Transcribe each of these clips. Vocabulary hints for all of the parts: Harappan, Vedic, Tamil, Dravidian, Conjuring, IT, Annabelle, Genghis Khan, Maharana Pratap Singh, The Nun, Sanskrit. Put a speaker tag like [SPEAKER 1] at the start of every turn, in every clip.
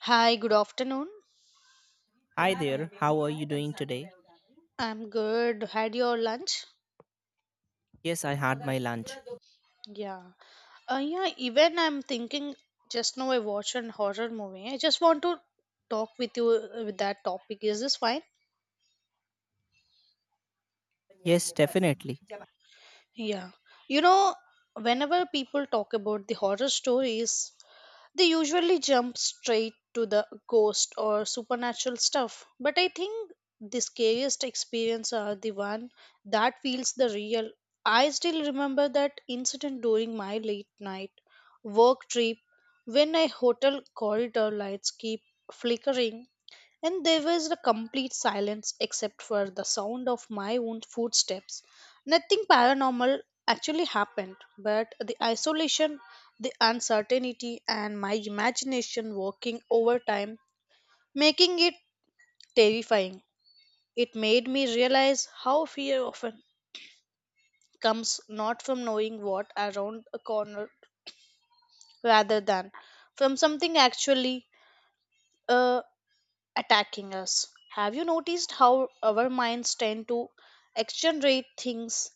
[SPEAKER 1] Hi, good afternoon.
[SPEAKER 2] Hi there, how are you doing today?
[SPEAKER 1] I'm good. Had your lunch?
[SPEAKER 2] Yes, I had my lunch.
[SPEAKER 1] Yeah. Yeah, even I'm thinking just now I watched an horror movie. I just want to talk with you with that topic. Is this fine?
[SPEAKER 2] Yes, definitely.
[SPEAKER 1] Yeah. You know, whenever people talk about the horror stories, they usually jump straight to the ghost or supernatural stuff, but I think the scariest experience are the one that feels the real. I still remember that incident during my late night work trip when a hotel corridor lights keep flickering and there was a complete silence except for the sound of my own footsteps. Nothing paranormal actually happened, but the isolation, the uncertainty, and my imagination working overtime, making it terrifying. It made me realize how fear often comes not from knowing what around a corner rather than from something actually uh, attacking us. Have you noticed how our minds tend to exaggerate things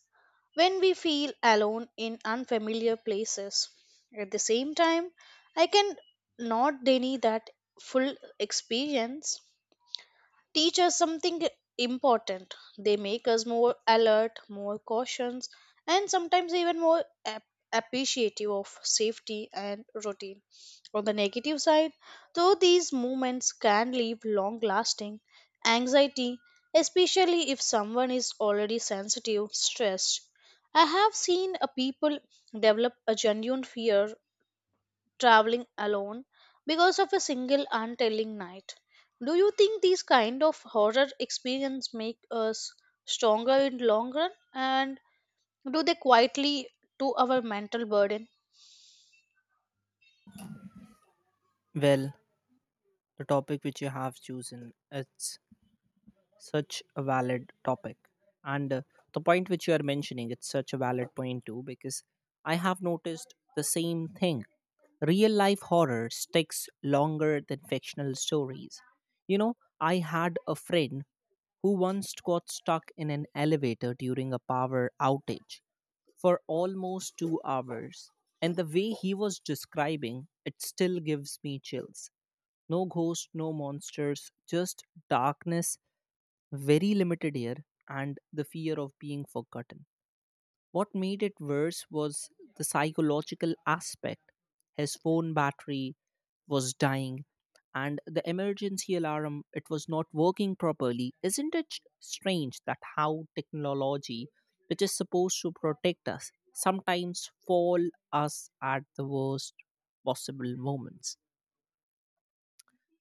[SPEAKER 1] when we feel alone in unfamiliar places? At the same time, I can not deny that full experience teach us something important. They make us more alert, more cautious, and sometimes even more appreciative of safety and routine. On the negative side, though these movements can leave long lasting anxiety, especially if someone is already sensitive, stressed. I have seen a people develop a genuine fear traveling alone because of a single untelling night. Do you think these kind of horror experience make us stronger in long run and do they quietly to our mental burden?
[SPEAKER 2] Well, the topic which you have chosen, it's such a valid topic. And the point which you are mentioning, it's such a valid point too, because I have noticed the same thing. Real life horror sticks longer than fictional stories. You know, I had a friend who once got stuck in an elevator during a power outage for almost 2 hours. And the way he was describing it still gives me chills. No ghost, no monsters, just darkness, very limited air, and the fear of being forgotten. What made it worse was the psychological aspect. His phone battery was dying and the emergency alarm it was not working properly. Isn't it strange that how technology which is supposed to protect us sometimes fall us at the worst possible moments?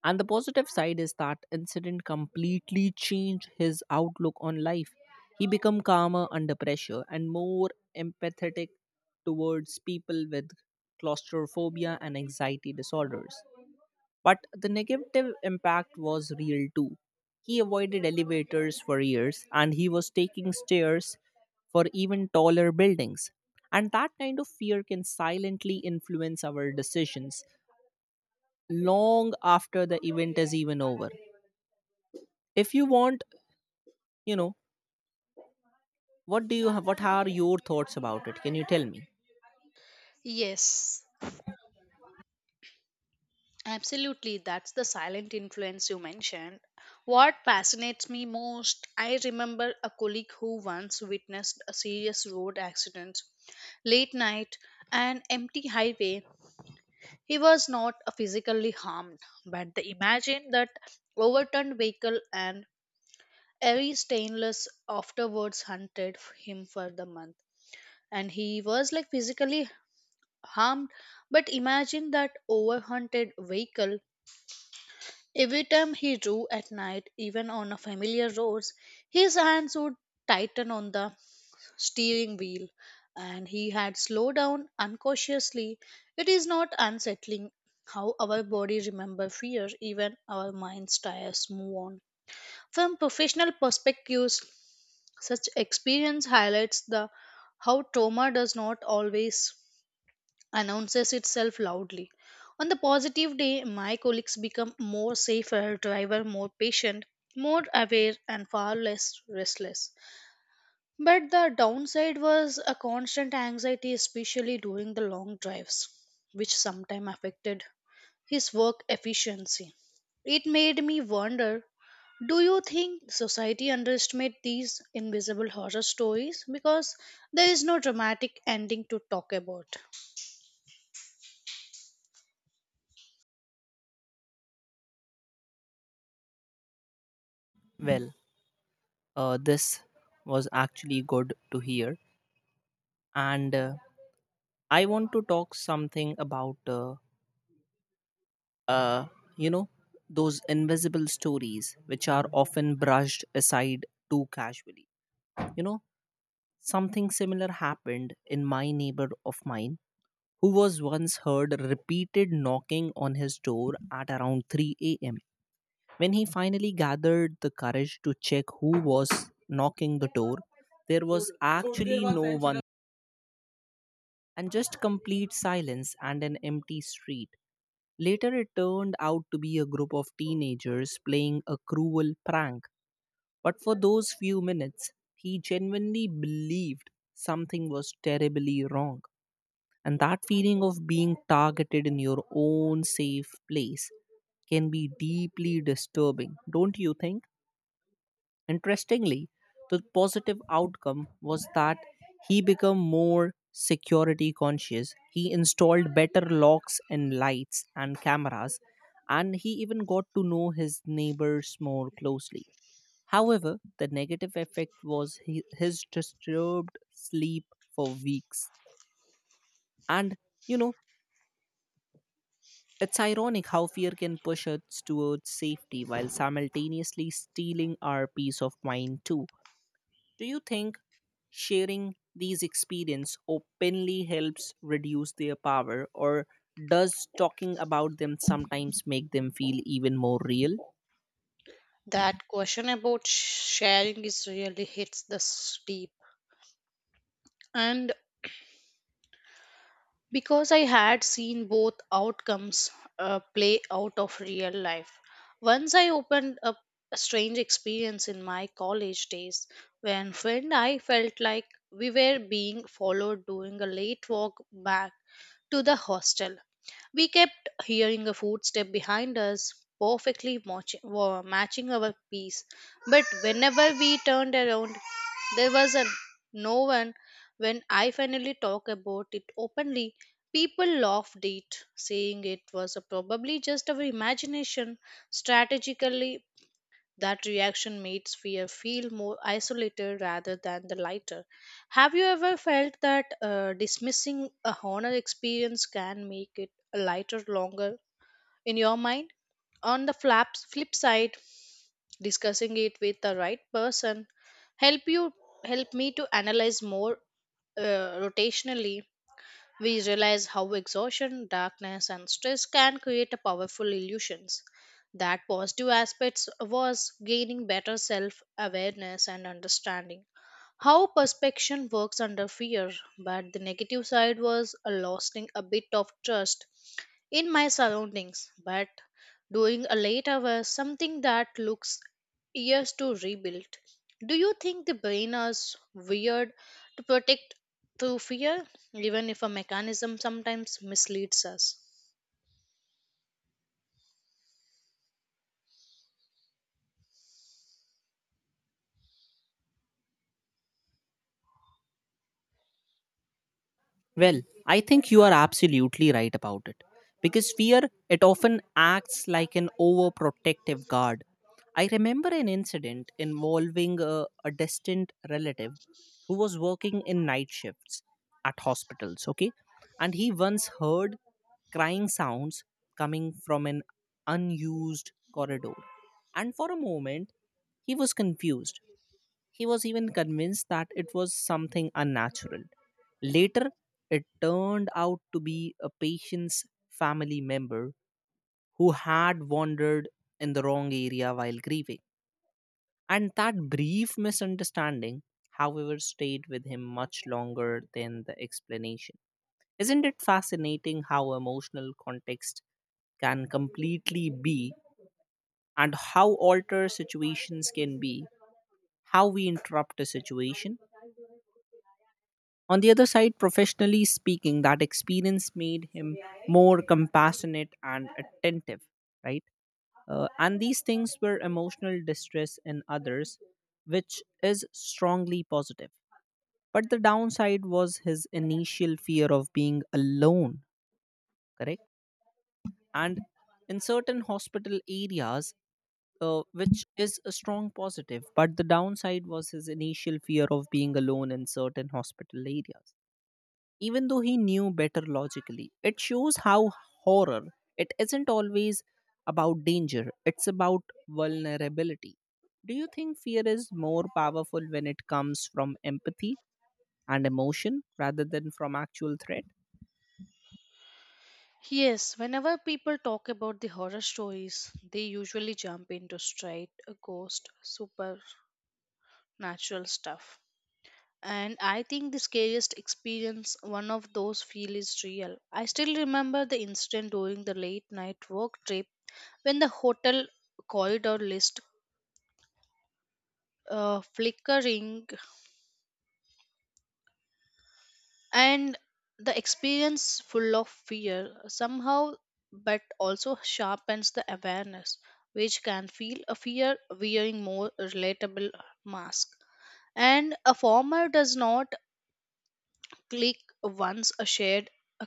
[SPEAKER 2] And the positive side is that incident completely changed his outlook on life. He became calmer under pressure and more empathetic towards people with claustrophobia and anxiety disorders, but the negative impact was real too. He avoided elevators for years and he was taking stairs for even taller buildings. And that kind of fear can silently influence our decisions long after the event is even over. If you want, you know, what do you have, what are your thoughts about it? Can you tell me?
[SPEAKER 1] Yes, absolutely. That's the silent influence you mentioned. What fascinates me most, I remember a colleague who once witnessed a serious road accident late night, an empty highway. He was not physically harmed, but the imagine that overturned vehicle and every stainless afterwards hunted him for the month. And he was like physically harmed, but imagine that overhunted vehicle. Every time he drew at night, even on a familiar roads, his hands would tighten on the steering wheel and he had slowed down uncautiously. It is not unsettling how our body remember fear, even our mind's tires move on. From professional perspectives, such experience highlights the how trauma does not always announces itself loudly. On the positive day, my colleagues become more safer, driver more patient, more aware and far less restless. But the downside was a constant anxiety, especially during the long drives, which sometimes affected his work efficiency. It made me wonder do you think society underestimates these invisible horror stories because there is no dramatic ending to talk about?
[SPEAKER 2] Well, this was actually good to hear. And I want to talk something about uh, you know, those invisible stories which are often brushed aside too casually. You know, something similar happened in my neighbor of mine who was once heard repeated knocking on his door at around 3 a.m. When he finally gathered the courage to check who was knocking the door, there was actually no one and just complete silence and an empty street. Later, it turned out to be a group of teenagers playing a cruel prank. But for those few minutes, he genuinely believed something was terribly wrong. And that feeling of being targeted in your own safe place can be deeply disturbing, don't you think? Interestingly, the positive outcome was that he became more security conscious. He installed better locks and lights and cameras, and he even got to know his neighbors more closely. However, the negative effect was his disturbed sleep for weeks. And, you know, it's ironic how fear can push us towards safety while simultaneously stealing our peace of mind, too. Do you think sharing these experience openly helps reduce their power, or does talking about them sometimes make them feel even more real?
[SPEAKER 1] That question about sharing is really hits the deep. And because I had seen both outcomes play out of real life. Once I opened up a strange experience in my college days when friend I felt like we were being followed during a late walk back to the hostel. We kept hearing a footstep behind us, perfectly matching our pace. But whenever we turned around, there was no one. When I finally talked about it openly, people laughed at it, saying it was probably just our imagination. Strategically, that reaction makes fear feel more isolated rather than the lighter. Have you ever felt that dismissing a honor experience can make it a lighter longer in your mind? On the flip side, discussing it with the right person help you help me to analyze more rotationally we realize how exhaustion, darkness, and stress can create a powerful illusions. That positive aspects was gaining better self awareness and understanding how perspection works under fear, but the negative side was a losing a bit of trust in my surroundings. But doing a late hour something that looks years to rebuild. Do you think the brain is weird to protect through fear, even if a mechanism sometimes misleads us?
[SPEAKER 2] Well, I think you are absolutely right about it. Because fear, it often acts like an overprotective guard. I remember an incident involving a distant relative who was working in night shifts at hospitals, okay? And he once heard crying sounds coming from an unused corridor. And for a moment, he was confused. He was even convinced that it was something unnatural. Later, it turned out to be a patient's family member who had wandered in the wrong area while grieving. And that brief misunderstanding, however, stayed with him much longer than the explanation. Isn't it fascinating how emotional context can completely be and how alter situations can be, how we interrupt a situation? On the other side, professionally speaking, that experience made him more compassionate and attentive, right? And these things were emotional distress in others, which is strongly positive. But the downside was his initial fear of being alone, correct? And in certain hospital areas, which is a strong positive, but the downside was his initial fear of being alone in certain hospital areas even though he knew better logically. It shows how horror, it isn't always about danger, it's about vulnerability. Do you think fear is more powerful when it comes from empathy and emotion rather than from actual threat?
[SPEAKER 1] Yes, whenever people talk about the horror stories, they usually jump into straight ghost supernatural stuff and I think the scariest experience one of those feel is real. I still remember the incident during the late night work trip when the hotel corridor list flickering and the experience full of fear somehow but also sharpens the awareness which can feel a fear wearing more relatable mask and a farmer does not click once shared a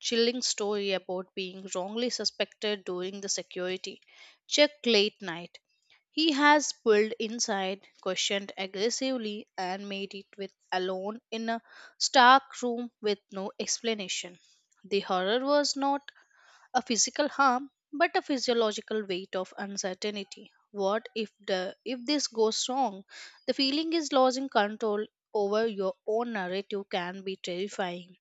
[SPEAKER 1] chilling story about being wrongly suspected during the security check late night. He has pulled inside, questioned aggressively, and made it with alone in a stark room with no explanation. The horror was not a physical harm but a physiological weight of uncertainty what if the if this goes wrong the feeling is losing control over your own narrative can be terrifying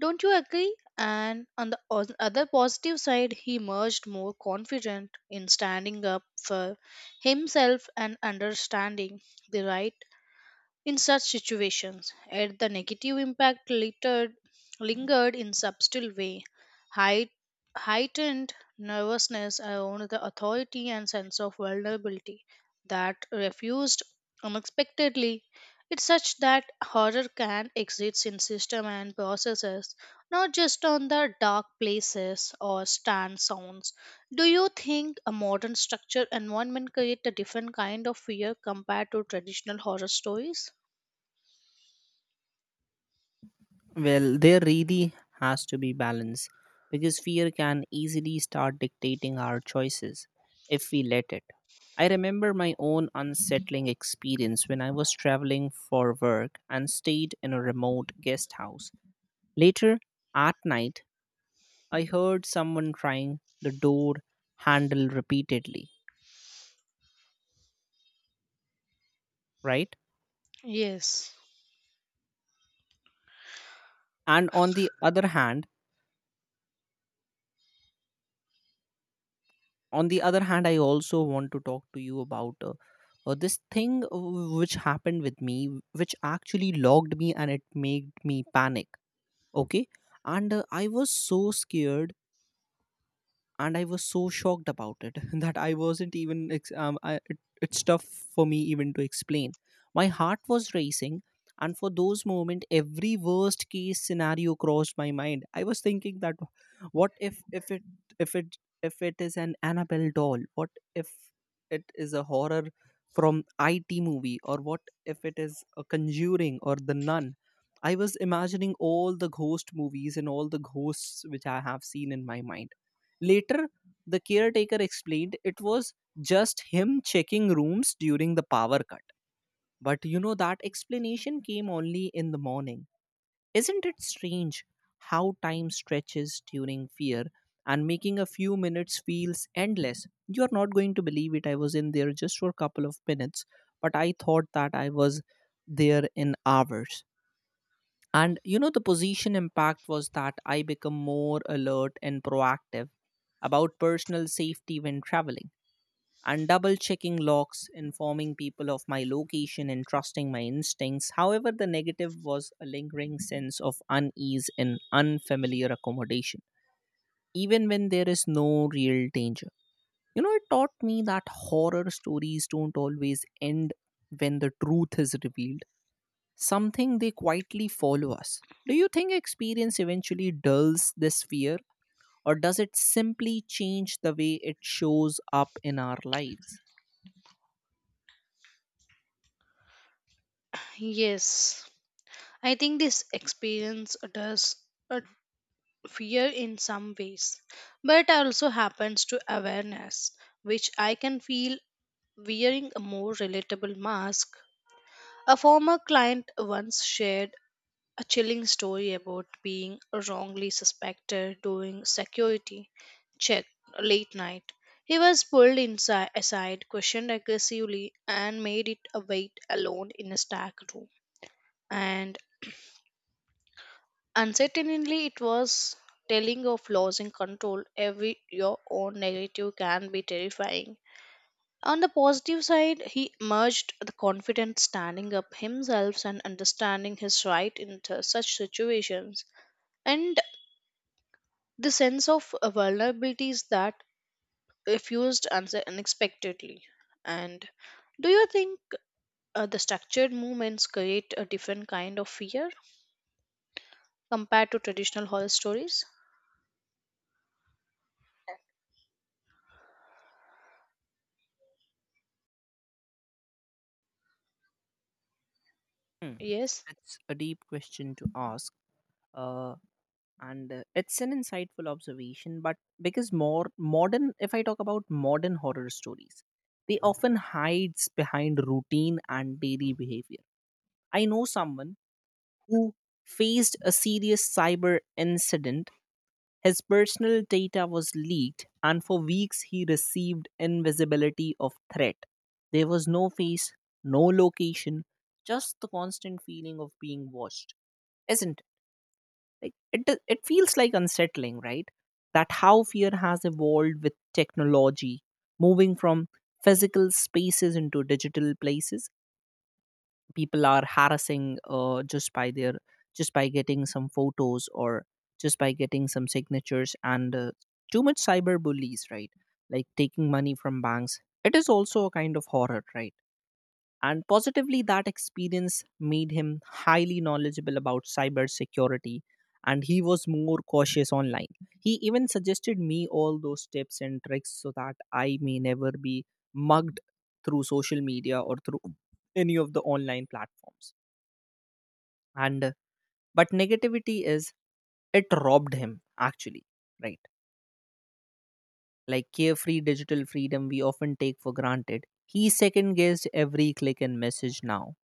[SPEAKER 1] don't you agree and on the other positive side he emerged more confident in standing up for himself and understanding the right in such situations, yet the negative impact lingered in subtle way, height, heightened nervousness around the authority and sense of vulnerability that refused unexpectedly. It's such that horror can exist in system and processes, not just on the dark places or stand sounds. Do you think a modern structure environment create a different kind of fear compared to traditional horror stories?
[SPEAKER 2] Well, there really has to be balance because fear can easily start dictating our choices if we let it. I remember my own unsettling experience when I was traveling for work and stayed in a remote guest house. Later at night, I heard someone trying the door handle repeatedly, right?
[SPEAKER 1] Yes,
[SPEAKER 2] And on the other hand I also want to talk to you about this thing which happened with me, which actually logged me and it made me panic, okay? And I was so scared and I was so shocked about it that I wasn't even. It's tough for me even to explain. My heart was racing, and for those moment, every worst case scenario crossed my mind. I was thinking that, what if it is an Annabelle doll? What if it is a horror from IT movie? Or what if it is a Conjuring or The Nun? I was imagining all the ghost movies and all the ghosts which I have seen in my mind. Later, the caretaker explained it was just him checking rooms during the power cut. But that explanation came only in the morning. Isn't it strange how time stretches during fear and making a few minutes feels endless? You're not going to believe it. I was in there just for a couple of minutes, but I thought that I was there in hours. And the position impact was that I become more alert and proactive about personal safety when traveling and double checking locks, informing people of my location and trusting my instincts. However, the negative was a lingering sense of unease in unfamiliar accommodation, even when there is no real danger. It taught me that horror stories don't always end when the truth is revealed, something they quietly follow us. Do you think experience eventually dulls this fear, or does it simply change the way it shows up in our lives?
[SPEAKER 1] yes. I think this experience does uh, fear in some ways, but also happens to awareness, which I can feel wearing a more relatable mask. A former client once shared a chilling story about being wrongly suspected during security check late night. He was pulled inside aside, questioned aggressively, and made it a wait alone in a stack room. And And certainly it was telling of losing control every your own negative can be terrifying. On the positive side, he emerged the confident standing up himself and understanding his right in such situations. And the sense of vulnerabilities that refused unexpectedly. And do you think the structured movements create a different kind of fear compared to traditional horror stories?
[SPEAKER 2] Hmm.
[SPEAKER 1] Yes.
[SPEAKER 2] It's a deep question to ask, uh, and it's an insightful observation. But because more modern, if I talk about modern horror stories, they often hides behind routine and daily behavior. I know someone who faced a serious cyber incident. His personal data was leaked, and for weeks he received invisibility of threat. There was no face, no location, just the constant feeling of being watched. Isn't like it? Do- It feels like unsettling, right? That how fear has evolved with technology, moving from physical spaces into digital places. People are harassing just by getting some photos, or just by getting some signatures, and too much cyber bullies, right? Like taking money from banks, it is also a kind of horror, right? And positively, that experience made him highly knowledgeable about cybersecurity and he was more cautious online. He even suggested me all those tips and tricks so that I may never be mugged through social media or through any of the online platforms. And but negativity is it robbed him actually, right? Like carefree digital freedom we often take for granted. He second guessed every click and message. Now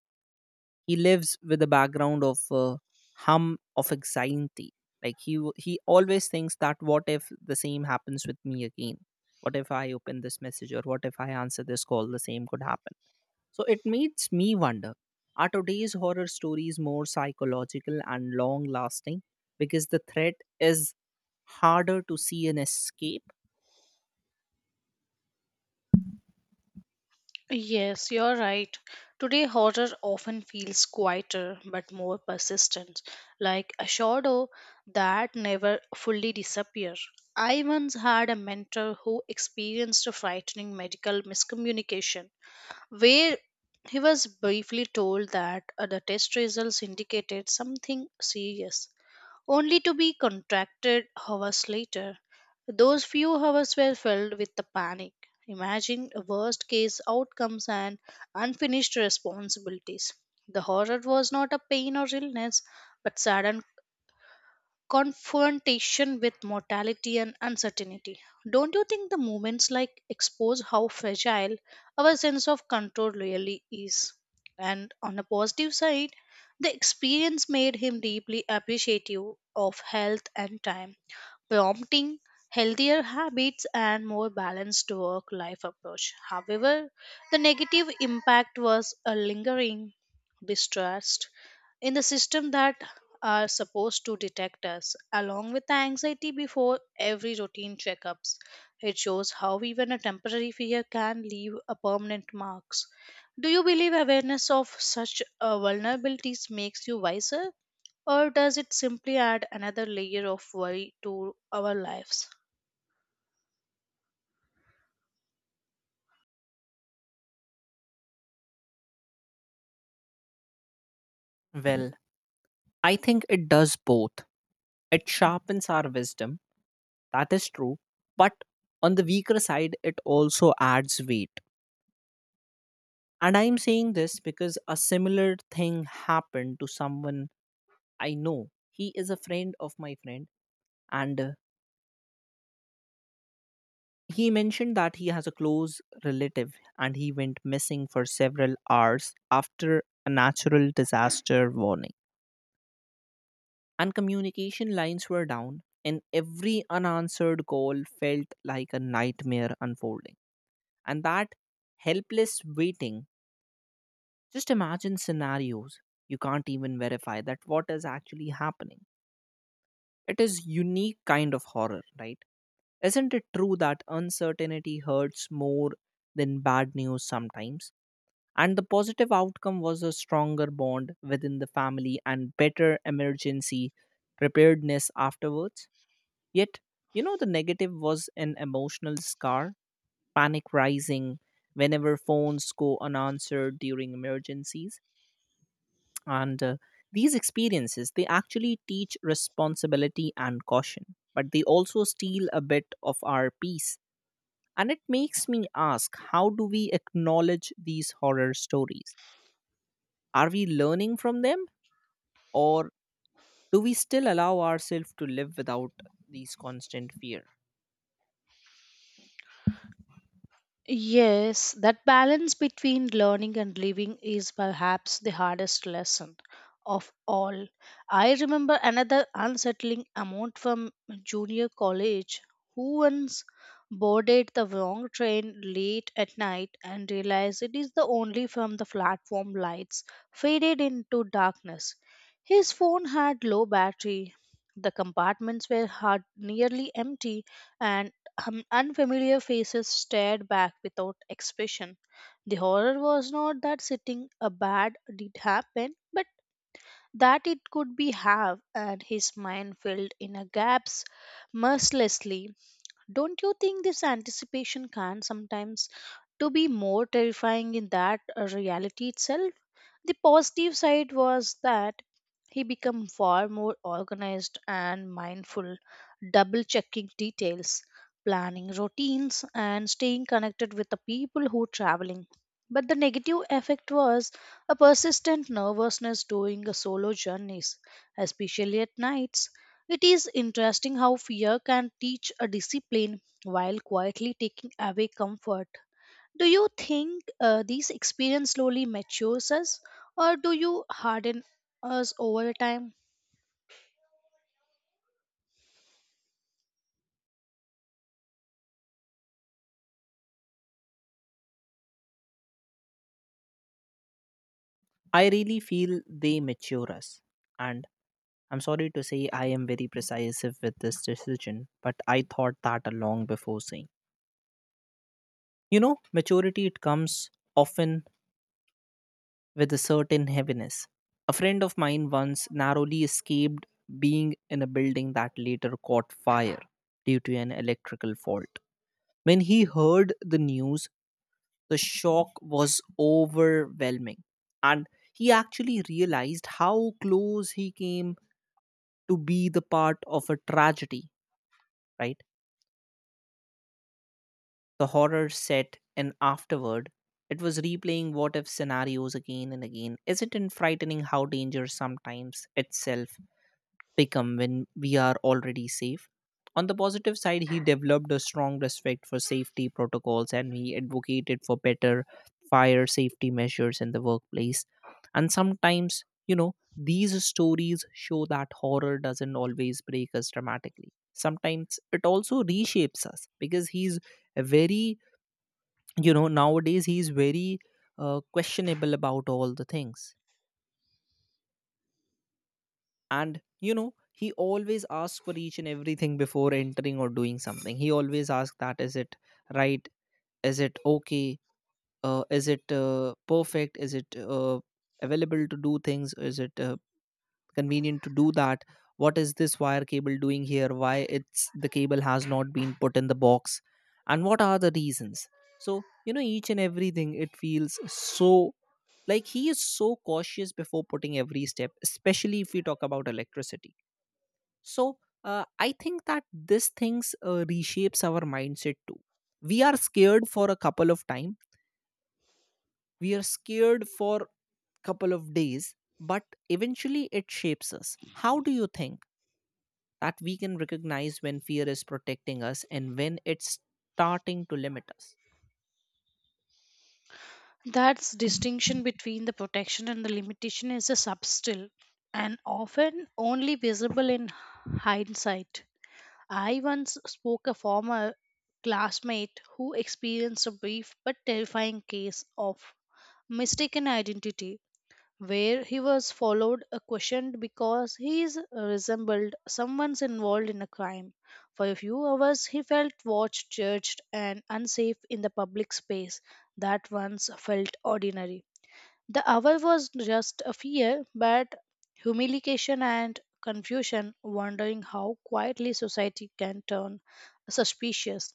[SPEAKER 2] he lives with the background of hum of anxiety, like he always thinks that what if the same happens with me again. What if I open this message, or what if I answer this call, the same could happen? So it makes me wonder, are today's horror stories more psychological and long lasting because the threat is harder to see an escape?
[SPEAKER 1] Yes, you're right. Today, horror often feels quieter but more persistent, like a shadow that never fully disappears. I once had a mentor who experienced a frightening medical miscommunication, where he was briefly told that the test results indicated something serious, only to be contracted hours later. Those few hours were filled with the panic, imagining worst case outcomes and unfinished responsibilities. The horror was not a pain or illness, but sudden confrontation with mortality and uncertainty. Don't you think the moments like expose how fragile our sense of control really is? And on a positive side, the experience made him deeply appreciative of health and time prompting healthier habits and more balanced work life approach. However, the negative impact was a lingering distrust in the system that are supposed to detect us along with the anxiety before every routine checkups. It shows how even a temporary fear can leave a permanent marks. Do you believe awareness of such vulnerabilities makes you wiser or does it simply add another layer of worry to our lives?
[SPEAKER 2] Well, I think it does both. It sharpens our wisdom. That is true. But on the weaker side, it also adds weight. And I'm saying this because a similar thing happened to someone I know. He is a friend of my friend, and he mentioned that he has a close relative and he went missing for several hours after a natural disaster warning. And communication lines were down, and every unanswered call felt like a nightmare unfolding. And that helpless waiting, just imagine scenarios, you can't even verify that what is actually happening. It is unique kind of horror, right? Isn't it true that uncertainty hurts more than bad news sometimes? And the positive outcome was a stronger bond within the family and better emergency preparedness afterwards. Yet, the negative was an emotional scar, panic rising whenever phones go unanswered during emergencies. And these experiences they actually teach responsibility and caution, but they also steal a bit of our peace. And it makes me ask, how do we acknowledge these horror stories? Are we learning from them, or do we still allow ourselves to live without these constant fear?
[SPEAKER 1] Yes, that balance between learning and living is perhaps the hardest lesson of all. I remember another unsettling amount from junior college who once boarded the wrong train late at night and realized it is the only from the platform lights faded into darkness. His phone had low battery. The compartments were hard, nearly empty, and unfamiliar faces stared back without expression. The horror was not that sitting a bad did happen, but that it could be have, and his mind filled in a gaps mercilessly. Don't you think this anticipation can sometimes to be more terrifying in that reality itself? The positive side was that he became far more organized and mindful, double checking details, planning routines, and staying connected with the people who traveling. But the negative effect was a persistent nervousness during the solo journeys, especially at nights. It is interesting how fear can teach a discipline while quietly taking away comfort. Do you think these experience slowly matures us, or do you harden us over time?
[SPEAKER 2] I really feel they mature us. And I'm sorry to say I am very precisive with this decision, but I thought that long before saying, maturity it comes often with a certain heaviness. A friend of mine once narrowly escaped being in a building that later caught fire due to an electrical fault. When he heard the news, the shock was overwhelming, and he actually realized how close he came to be the part of a tragedy, right? The horror set in afterward. It was replaying what if scenarios again and again. Isn't it frightening how danger sometimes itself become when we are already safe. On the positive side, he developed a strong respect for safety protocols and he advocated for better fire safety measures in the workplace. And sometimes, these stories show that horror doesn't always break us dramatically. Sometimes it also reshapes us because he's a nowadays he's very questionable about all the things. And he always asks for each and everything before entering or doing something. He always asks, that is it right, is it okay, is it perfect, is it available to do things, is it convenient to do that? What is this wire cable doing here? Why it's the cable has not been put in the box, and what are the reasons? So each and everything, it feels so like he is so cautious before putting every step, especially if we talk about electricity. So I think that this things reshapes our mindset too. We are scared for a couple of time. We are scared for couple of days, but eventually it shapes us. How do you think that we can recognize when fear is protecting us and when it's starting to limit us?
[SPEAKER 1] That distinction between the protection and the limitation is a subtle and often only visible in hindsight. I once spoke a former classmate who experienced a brief but terrifying case of mistaken identity where he was followed questioned because he is, resembled someone's involved in a crime. For a few hours, he felt watched, judged, and unsafe in the public space that once felt ordinary. The hour was just a fear, but humiliation and confusion, wondering how quietly society can turn suspicious.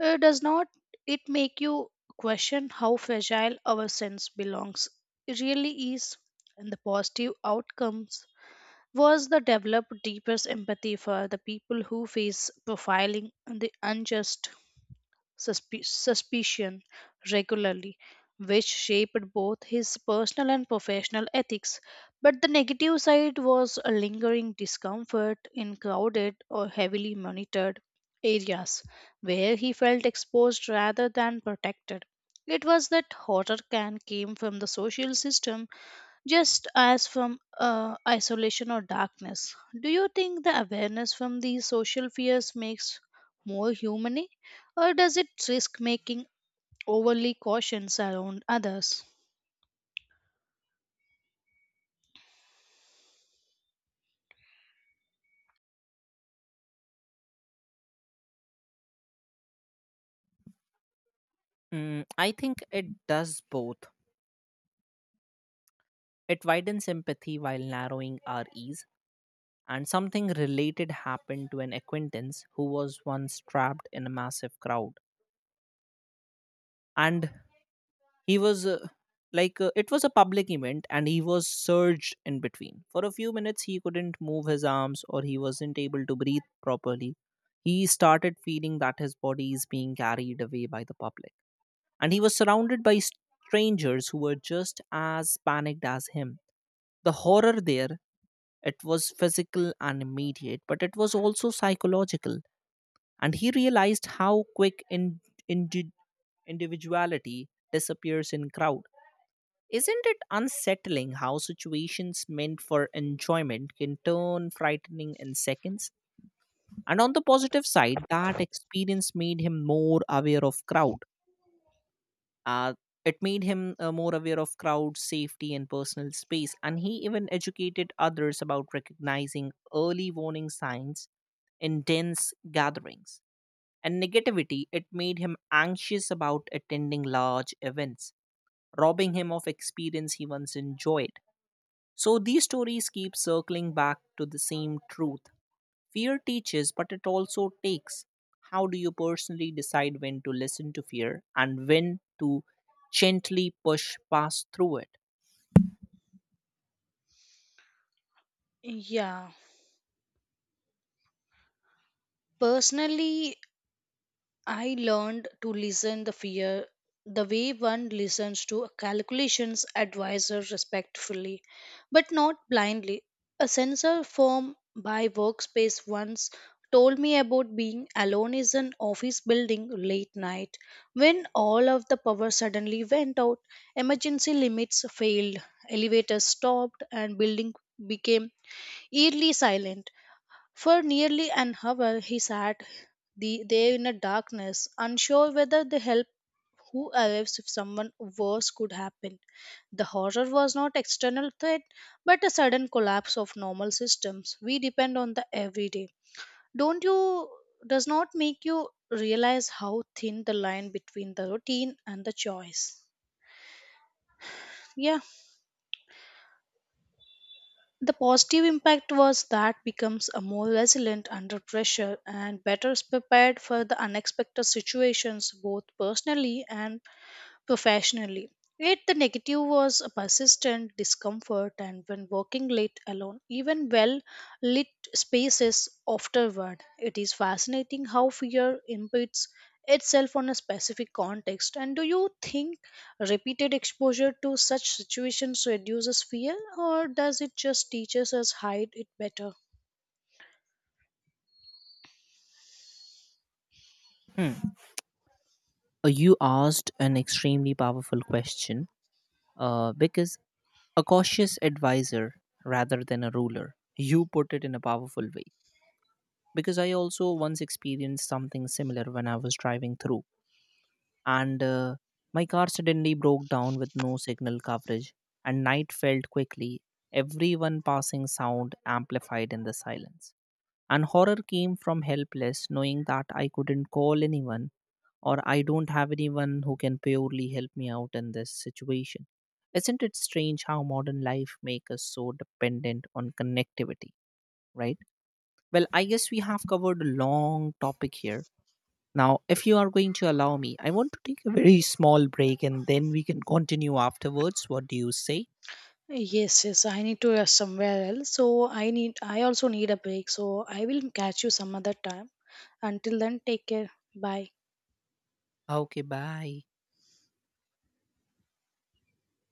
[SPEAKER 1] Does not it make you question how fragile our sense belongs? It really is. And the positive outcomes was the develop deepest empathy for the people who face profiling and the unjust suspicion regularly, which shaped both his personal and professional ethics. But the negative side was a lingering discomfort in crowded or heavily monitored areas where he felt exposed rather than protected. It was that horror can came from the social system just as from isolation or darkness. Do you think the awareness from these social fears makes more humane, or does it risk making overly cautious around others?
[SPEAKER 2] Mm, I think it does both. It widens empathy while narrowing our ease. And something related happened to an acquaintance who was once trapped in a massive crowd. And he was it was a public event and he was surged in between. For a few minutes, he couldn't move his arms or he wasn't able to breathe properly. He started feeling that his body is being carried away by the public. And he was surrounded by strangers who were just as panicked as him. The horror there, it was physical and immediate, but it was also psychological. And he realized how quick in, indi individuality disappears in crowd. Isn't it unsettling how situations meant for enjoyment can turn frightening in seconds? And on the positive side, that experience made him more aware of crowd. Uh, it made him more aware of crowd safety and personal space, and he even educated others about recognizing early warning signs in dense gatherings. And negativity, it made him anxious about attending large events, robbing him of experience he once enjoyed. So these stories keep circling back to the same truth. Fear teaches, but it also takes. How do you personally decide when to listen to fear and when to gently push past through it?
[SPEAKER 1] Yeah, personally, I learned to listen the fear the way one listens to a calculations advisor respectfully, but not blindly. A sensor firm by workspace once told me about being alone in an office building late night when all of the power suddenly went out, emergency limits failed, elevators stopped, and building became eerily silent. For nearly an hour he sat there in the darkness, unsure whether the help who arrives if someone worse could happen. The horror was not external threat, but a sudden collapse of normal systems we depend on the everyday. Don't you does not make you realize how thin the line between the routine and the choice. Yeah, the positive impact was that becomes a more resilient under pressure and better prepared for the unexpected situations both personally and professionally. Yet the negative was a persistent discomfort, and when working late alone, even well lit spaces afterward. It is fascinating how fear impedes itself on a specific context. And do you think repeated exposure to such situations reduces fear, or does it just teaches us hide it better?
[SPEAKER 2] Hmm. You asked an extremely powerful question because a cautious advisor rather than a ruler, you put it in a powerful way. Because I also once experienced something similar when I was driving through. And my car suddenly broke down with no signal coverage, and night felt quickly, everyone passing sound amplified in the silence. And horror came from helpless, knowing that I couldn't call anyone, or I don't have anyone who can purely help me out in this situation. Isn't it strange how modern life makes us so dependent on connectivity, right? Well, I guess we have covered a long topic here. Now, if you are going to allow me, I want to take a very small break and then we can continue afterwards. What do you say?
[SPEAKER 1] Yes, yes, I need to rush somewhere else. So I also need a break. So I will catch you some other time. Until then, take care. Bye.
[SPEAKER 2] Okay, bye.